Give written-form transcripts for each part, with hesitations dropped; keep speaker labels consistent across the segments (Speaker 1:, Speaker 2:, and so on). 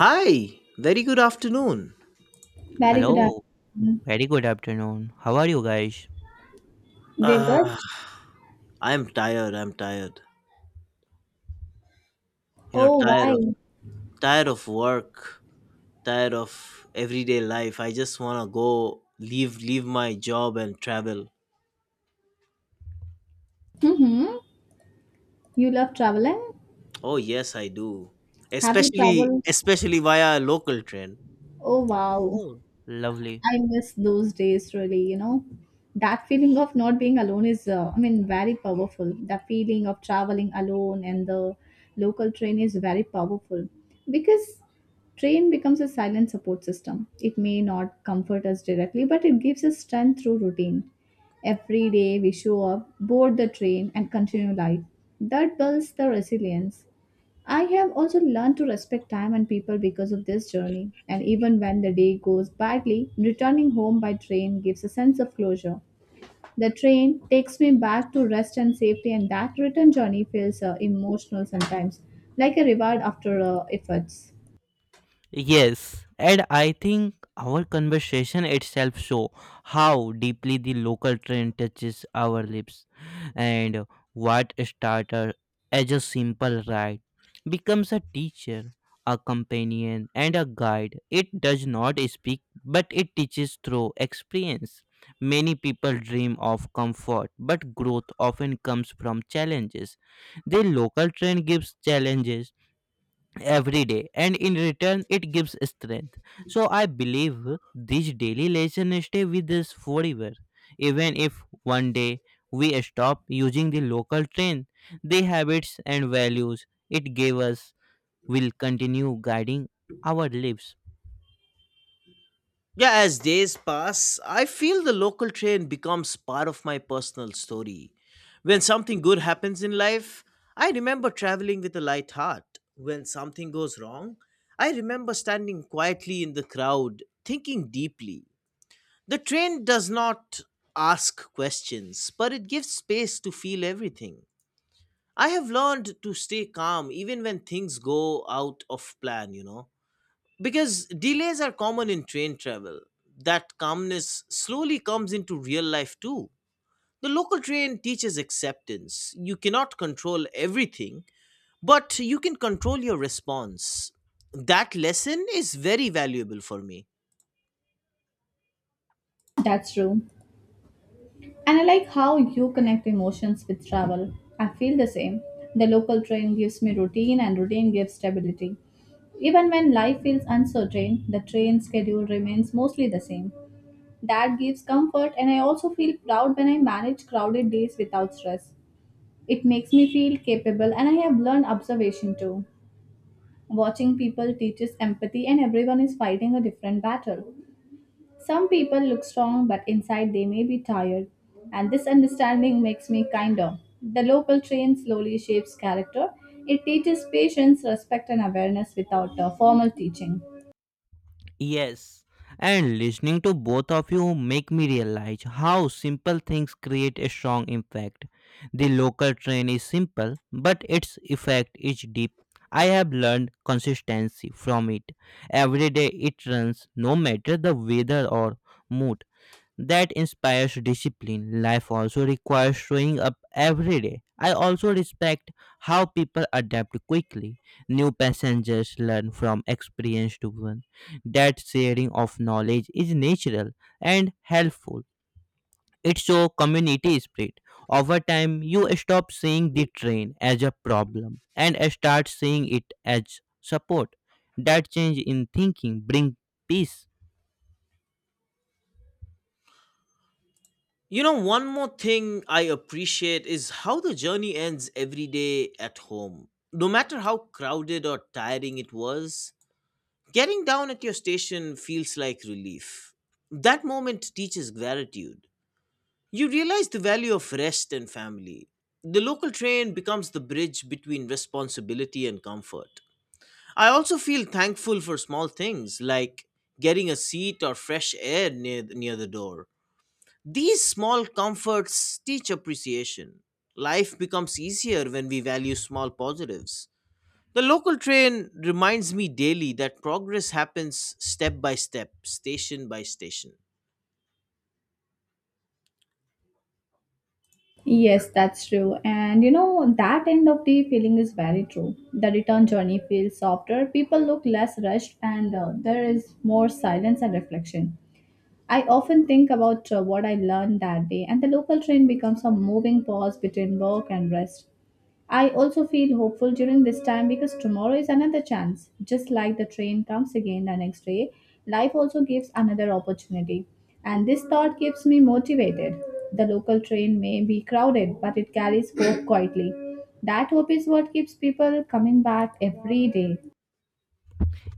Speaker 1: Hi, very good afternoon.
Speaker 2: Very good
Speaker 3: Hello,
Speaker 2: afternoon.
Speaker 3: very good afternoon. How are you guys?
Speaker 2: We're good.
Speaker 1: Ah, I'm tired. I'm tired. You know,
Speaker 2: Oh,
Speaker 1: tired of
Speaker 2: why?
Speaker 1: work, tired of everyday life. I just wanna go leave my job and travel.
Speaker 2: Mm-hmm. You love traveling?
Speaker 1: Oh yes, I do.
Speaker 2: Have you
Speaker 1: Especially
Speaker 2: traveled?
Speaker 1: especially via a local train.
Speaker 2: Oh, wow.
Speaker 3: Oh, lovely.
Speaker 2: I miss those days, really, you know. That feeling of not being alone is, very powerful. The feeling of traveling alone and the local train is very powerful because train becomes a silent support system. It may not comfort us directly, but it gives us strength through routine. Every day we show up, board the train, and continue life. That builds the resilience. I have also learned to respect time and people because of this journey, and even when the day goes badly, returning home by train gives a sense of closure. The train takes me back to rest and safety, and that return journey feels emotional sometimes, like a reward after efforts.
Speaker 3: Yes, and I think our conversation itself show how deeply the local trend touches our lips and what started as a simple ride becomes a teacher, a companion and a guide. It does not speak but it teaches through experience. Many people dream of comfort, but growth often comes from challenges. The local trend gives challenges every day and in return it gives strength, so I believe these daily lessons stay with us forever, even if one day we stop using the local train, the habits and values it gave us will continue guiding our lives.
Speaker 1: Yeah, as days pass, I feel the local train becomes part of my personal story. When something good happens in life, I remember traveling with a light heart. When something goes wrong, I remember standing quietly in the crowd, thinking deeply. The train does not ask questions, but it gives space to feel everything. I have learned to stay calm even when things go out of plan, you know. Because delays are common in train travel. That calmness slowly comes into real life too. The local train teaches acceptance. You cannot control everything, but you can control your response. That lesson is very valuable for me.
Speaker 2: That's true. And I like how you connect emotions with travel. I feel the same. The local train gives me routine, and routine gives stability. Even when life feels uncertain, the train schedule remains mostly the same. That gives comfort, and I also feel proud when I manage crowded days without stress. It makes me feel capable, and I have learned observation too. Watching people teaches empathy, and everyone is fighting a different battle. Some people look strong, but inside they may be tired, and this understanding makes me kinder. The local train slowly shapes character. It teaches patience, respect, and awareness without formal teaching.
Speaker 3: Yes, and listening to both of you make me realize how simple things create a strong impact. The local train is simple, but its effect is deep. I have learned consistency from it. Every day it runs, no matter the weather or mood, that inspires discipline. Life also requires showing up every day. I also respect how people adapt quickly. New passengers learn from experienced ones. That sharing of knowledge is natural and helpful. It shows community spirit. Over time, you stop seeing the train as a problem and start seeing it as support. That change in thinking brings peace.
Speaker 1: You know, one more thing I appreciate is how the journey ends every day at home. No matter how crowded or tiring it was, getting down at your station feels like relief. That moment teaches gratitude. You realize the value of rest and family. The local train becomes the bridge between responsibility and comfort. I also feel thankful for small things like getting a seat or fresh air near the door. These small comforts teach appreciation. Life becomes easier when we value small positives. The local train reminds me daily that progress happens step by step, station by station.
Speaker 2: Yes, that's true. And you know, that end of the feeling is very true. The return journey feels softer, people look less rushed, and there is more silence and reflection. I often think about what I learned that day, and the local train becomes a moving pause between work and rest. I also feel hopeful during this time because tomorrow is another chance. Just like the train comes again the next day, life also gives another opportunity. And this thought keeps me motivated. The local train may be crowded, but it carries hope quietly. That hope is what keeps people coming back every day.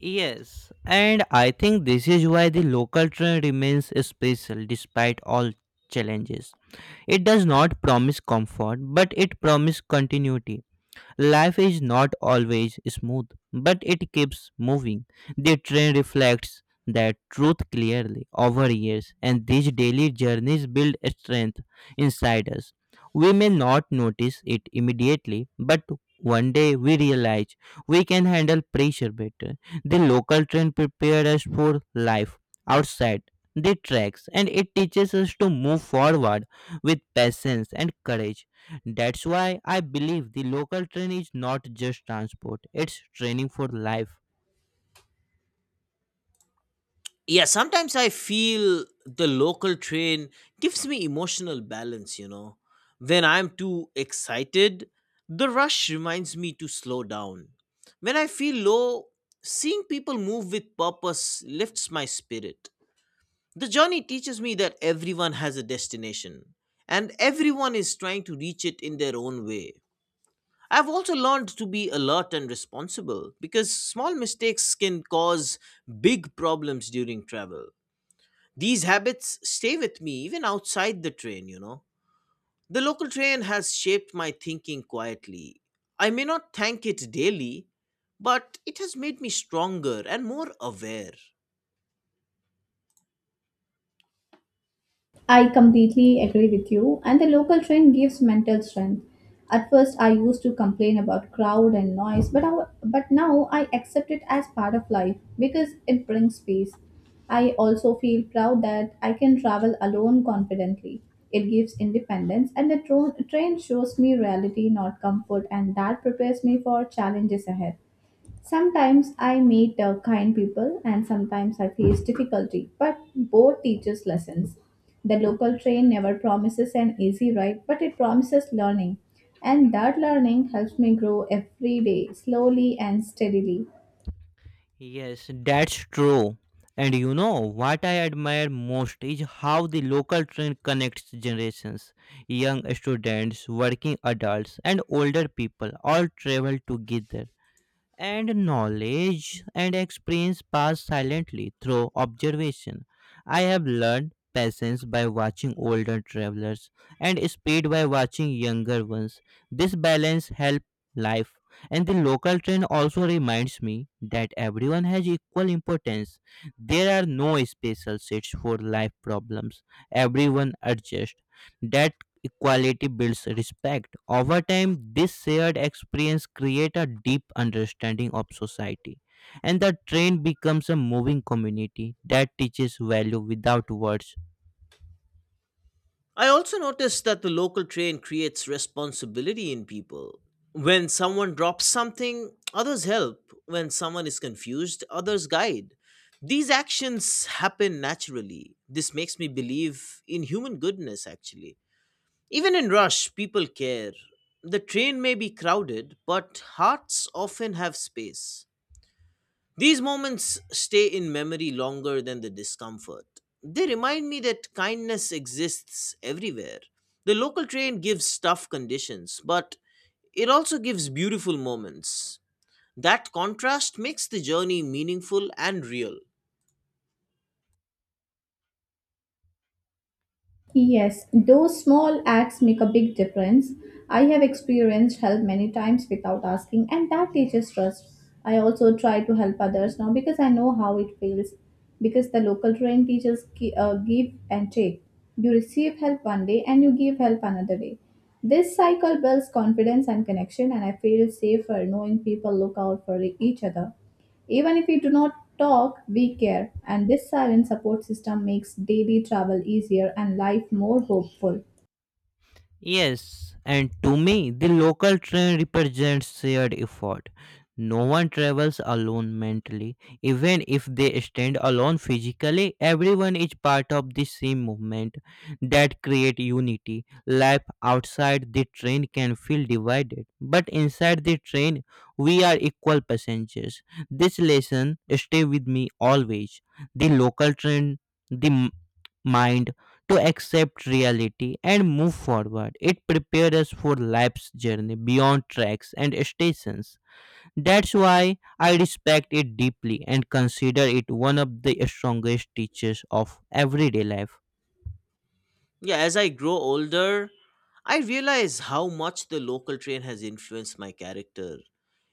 Speaker 3: Yes, and I think this is why the local train remains special despite all challenges. It does not promise comfort, but it promises continuity. Life is not always smooth, but it keeps moving. The train reflects that truth clearly over years, and these daily journeys build strength inside us. We may not notice it immediately, but one day we realize we can handle pressure better. The local train prepared us for life outside the tracks, and it teaches us to move forward with patience and courage. That's why I believe the local train is not just transport, it's training for life.
Speaker 1: Yeah, sometimes I feel the local train gives me emotional balance, you know. When I'm too excited, the rush reminds me to slow down. When I feel low, seeing people move with purpose lifts my spirit. The journey teaches me that everyone has a destination and everyone is trying to reach it in their own way. I've also learned to be alert and responsible because small mistakes can cause big problems during travel. These habits stay with me even outside the train, you know. The local train has shaped my thinking quietly. I may not thank it daily, but it has made me stronger and more aware.
Speaker 2: I completely agree with you, and the local train gives mental strength. At first, I used to complain about crowd and noise, but now I accept it as part of life because it brings peace. I also feel proud that I can travel alone confidently. It gives independence, and the train shows me reality, not comfort, and that prepares me for challenges ahead. Sometimes I meet kind people and sometimes I face difficulty, but both teaches lessons. The local train never promises an easy ride, but it promises learning. And that learning helps me grow every day, slowly and steadily.
Speaker 3: Yes, that's true. And you know what I admire most is how the local train connects generations. Young students, working adults, and older people all travel together, and knowledge and experience pass silently through observation. I have learned patience by watching older travelers and speed by watching younger ones. This balance helps life. And the local train also reminds me that everyone has equal importance. There are no special seats for life problems. Everyone adjusts. That equality builds respect. Over time, this shared experience creates a deep understanding of society, and the train becomes a moving community that teaches value without words.
Speaker 1: I also noticed that the local train creates responsibility in people. When someone drops something, others help. When someone is confused, others guide. These actions happen naturally. This makes me believe in human goodness, actually. Even in rush, people care. The train may be crowded, but hearts often have space. These moments stay in memory longer than the discomfort. They remind me that kindness exists everywhere. The local train gives tough conditions, but it also gives beautiful moments. That contrast makes the journey meaningful and real.
Speaker 2: Yes, those small acts make a big difference. I have experienced help many times without asking, and that teaches trust. I also try to help others now because I know how it feels. Because the local trained teachers give and take. You receive help one day and you give help another day. This cycle builds confidence and connection, and I feel safer knowing people look out for each other. Even if we do not talk, we care, and this silent support system makes daily travel easier and life more hopeful.
Speaker 3: Yes, and to me, the local train represents shared effort. No one travels alone mentally. Even if they stand alone physically, everyone is part of the same movement that create unity. Life outside the train can feel divided, but inside the train, we are equal passengers. This lesson stay with me always. The local train, the m- mind to accept reality and move forward. It prepares us for life's journey beyond tracks and stations. That's why I respect it deeply and consider it one of the strongest teachers of everyday life.
Speaker 1: Yeah, as I grow older, I realize how much the local train has influenced my character.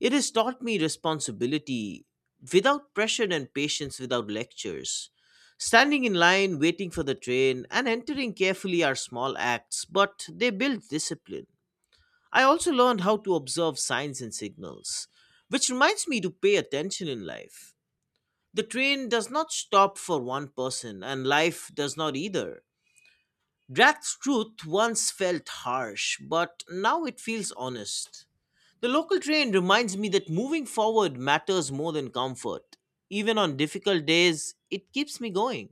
Speaker 1: It has taught me responsibility without pressure and patience without lectures. Standing in line, waiting for the train, and entering carefully are small acts, but they build discipline. I also learned how to observe signs and signals, which reminds me to pay attention in life. The train does not stop for one person, and life does not either. Draft's truth once felt harsh, but now it feels honest. The local train reminds me that moving forward matters more than comfort. Even on difficult days, it keeps me going.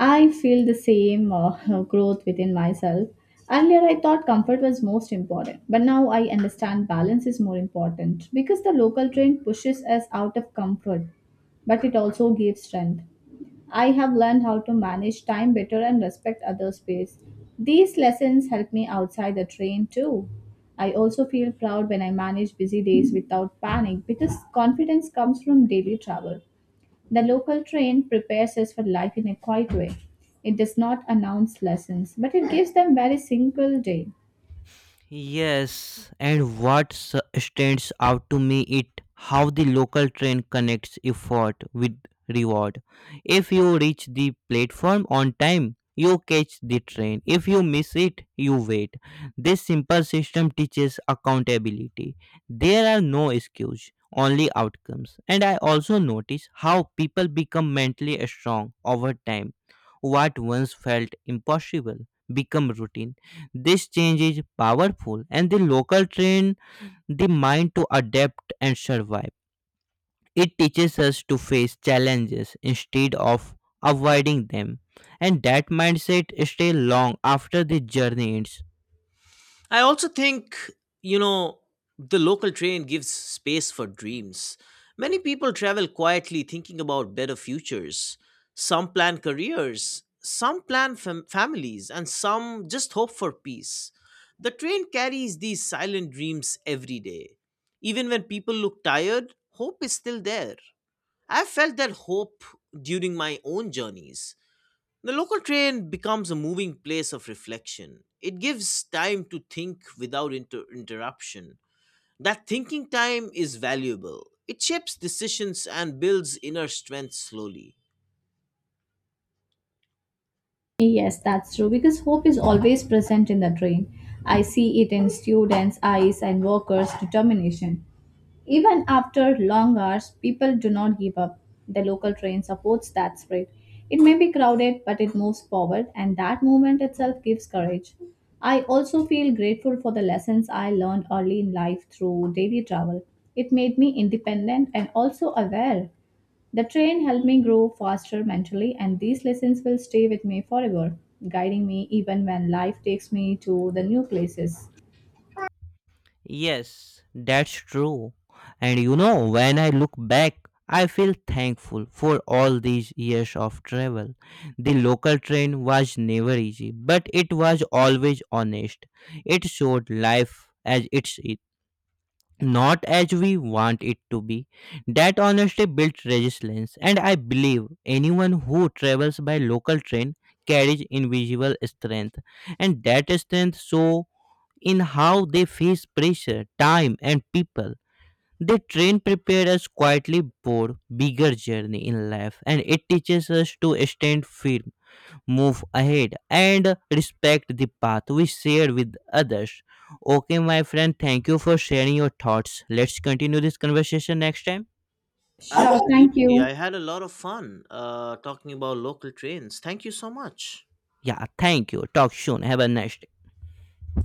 Speaker 2: I feel the same growth within myself. Earlier, I thought comfort was most important, but now I understand balance is more important because the local train pushes us out of comfort, but it also gives strength. I have learned how to manage time better and respect other space. These lessons help me outside the train too. I also feel proud when I manage busy days without panic because confidence comes from daily travel. The local train prepares us for life in a quiet way. It does not announce lessons, but it gives them very single day.
Speaker 3: Yes, and stands out to me it how the local train connects effort with reward. If you reach the platform on time, you catch the train. If you miss it, you wait. This simple system teaches accountability. There are no excuses, only outcomes. And I also notice how people become mentally strong over time. What once felt impossible become routine, this change is powerful, and the local train the mind to adapt and survive. It teaches us to face challenges instead of avoiding them. And that mindset stays long after the journey ends.
Speaker 1: I also think, you know, the local train gives space for dreams. Many people travel quietly thinking about better futures. Some plan careers, some plan families, and some just hope for peace. The train carries these silent dreams every day. Even when people look tired, hope is still there. I've felt that hope during my own journeys. The local train becomes a moving place of reflection. It gives time to think without interruption. That thinking time is valuable. It shapes decisions and builds inner strength slowly.
Speaker 2: Yes, that's true because hope is always present in the train. I see it in students' eyes and workers' determination. Even after long hours, people do not give up. The local train supports that spirit. It may be crowded, but it moves forward, and that movement itself gives courage. I also feel grateful for the lessons I learned early in life through daily travel. It made me independent and also aware. The train helped me grow faster mentally, and these lessons will stay with me forever, guiding me even when life takes me to the new places.
Speaker 3: Yes, that's true. And you know, when I look back, I feel thankful for all these years of travel. The local train was never easy, but it was always honest. It showed life as it is, not as we want it to be. That honesty builds resilience, and I believe anyone who travels by local train carries invisible strength, and that strength so in how they face pressure, time, and people. The train prepares us quietly for bigger journey in life, and it teaches us to stand firm, move ahead and respect the path we share with others. Okay, my friend, thank you for sharing your thoughts. Let's continue this conversation next time.
Speaker 2: Sure, thank
Speaker 1: Absolutely.
Speaker 2: you.
Speaker 1: I had a lot of fun talking about local trains. Thank you so much.
Speaker 3: Yeah, thank you. Talk soon. Have a nice day.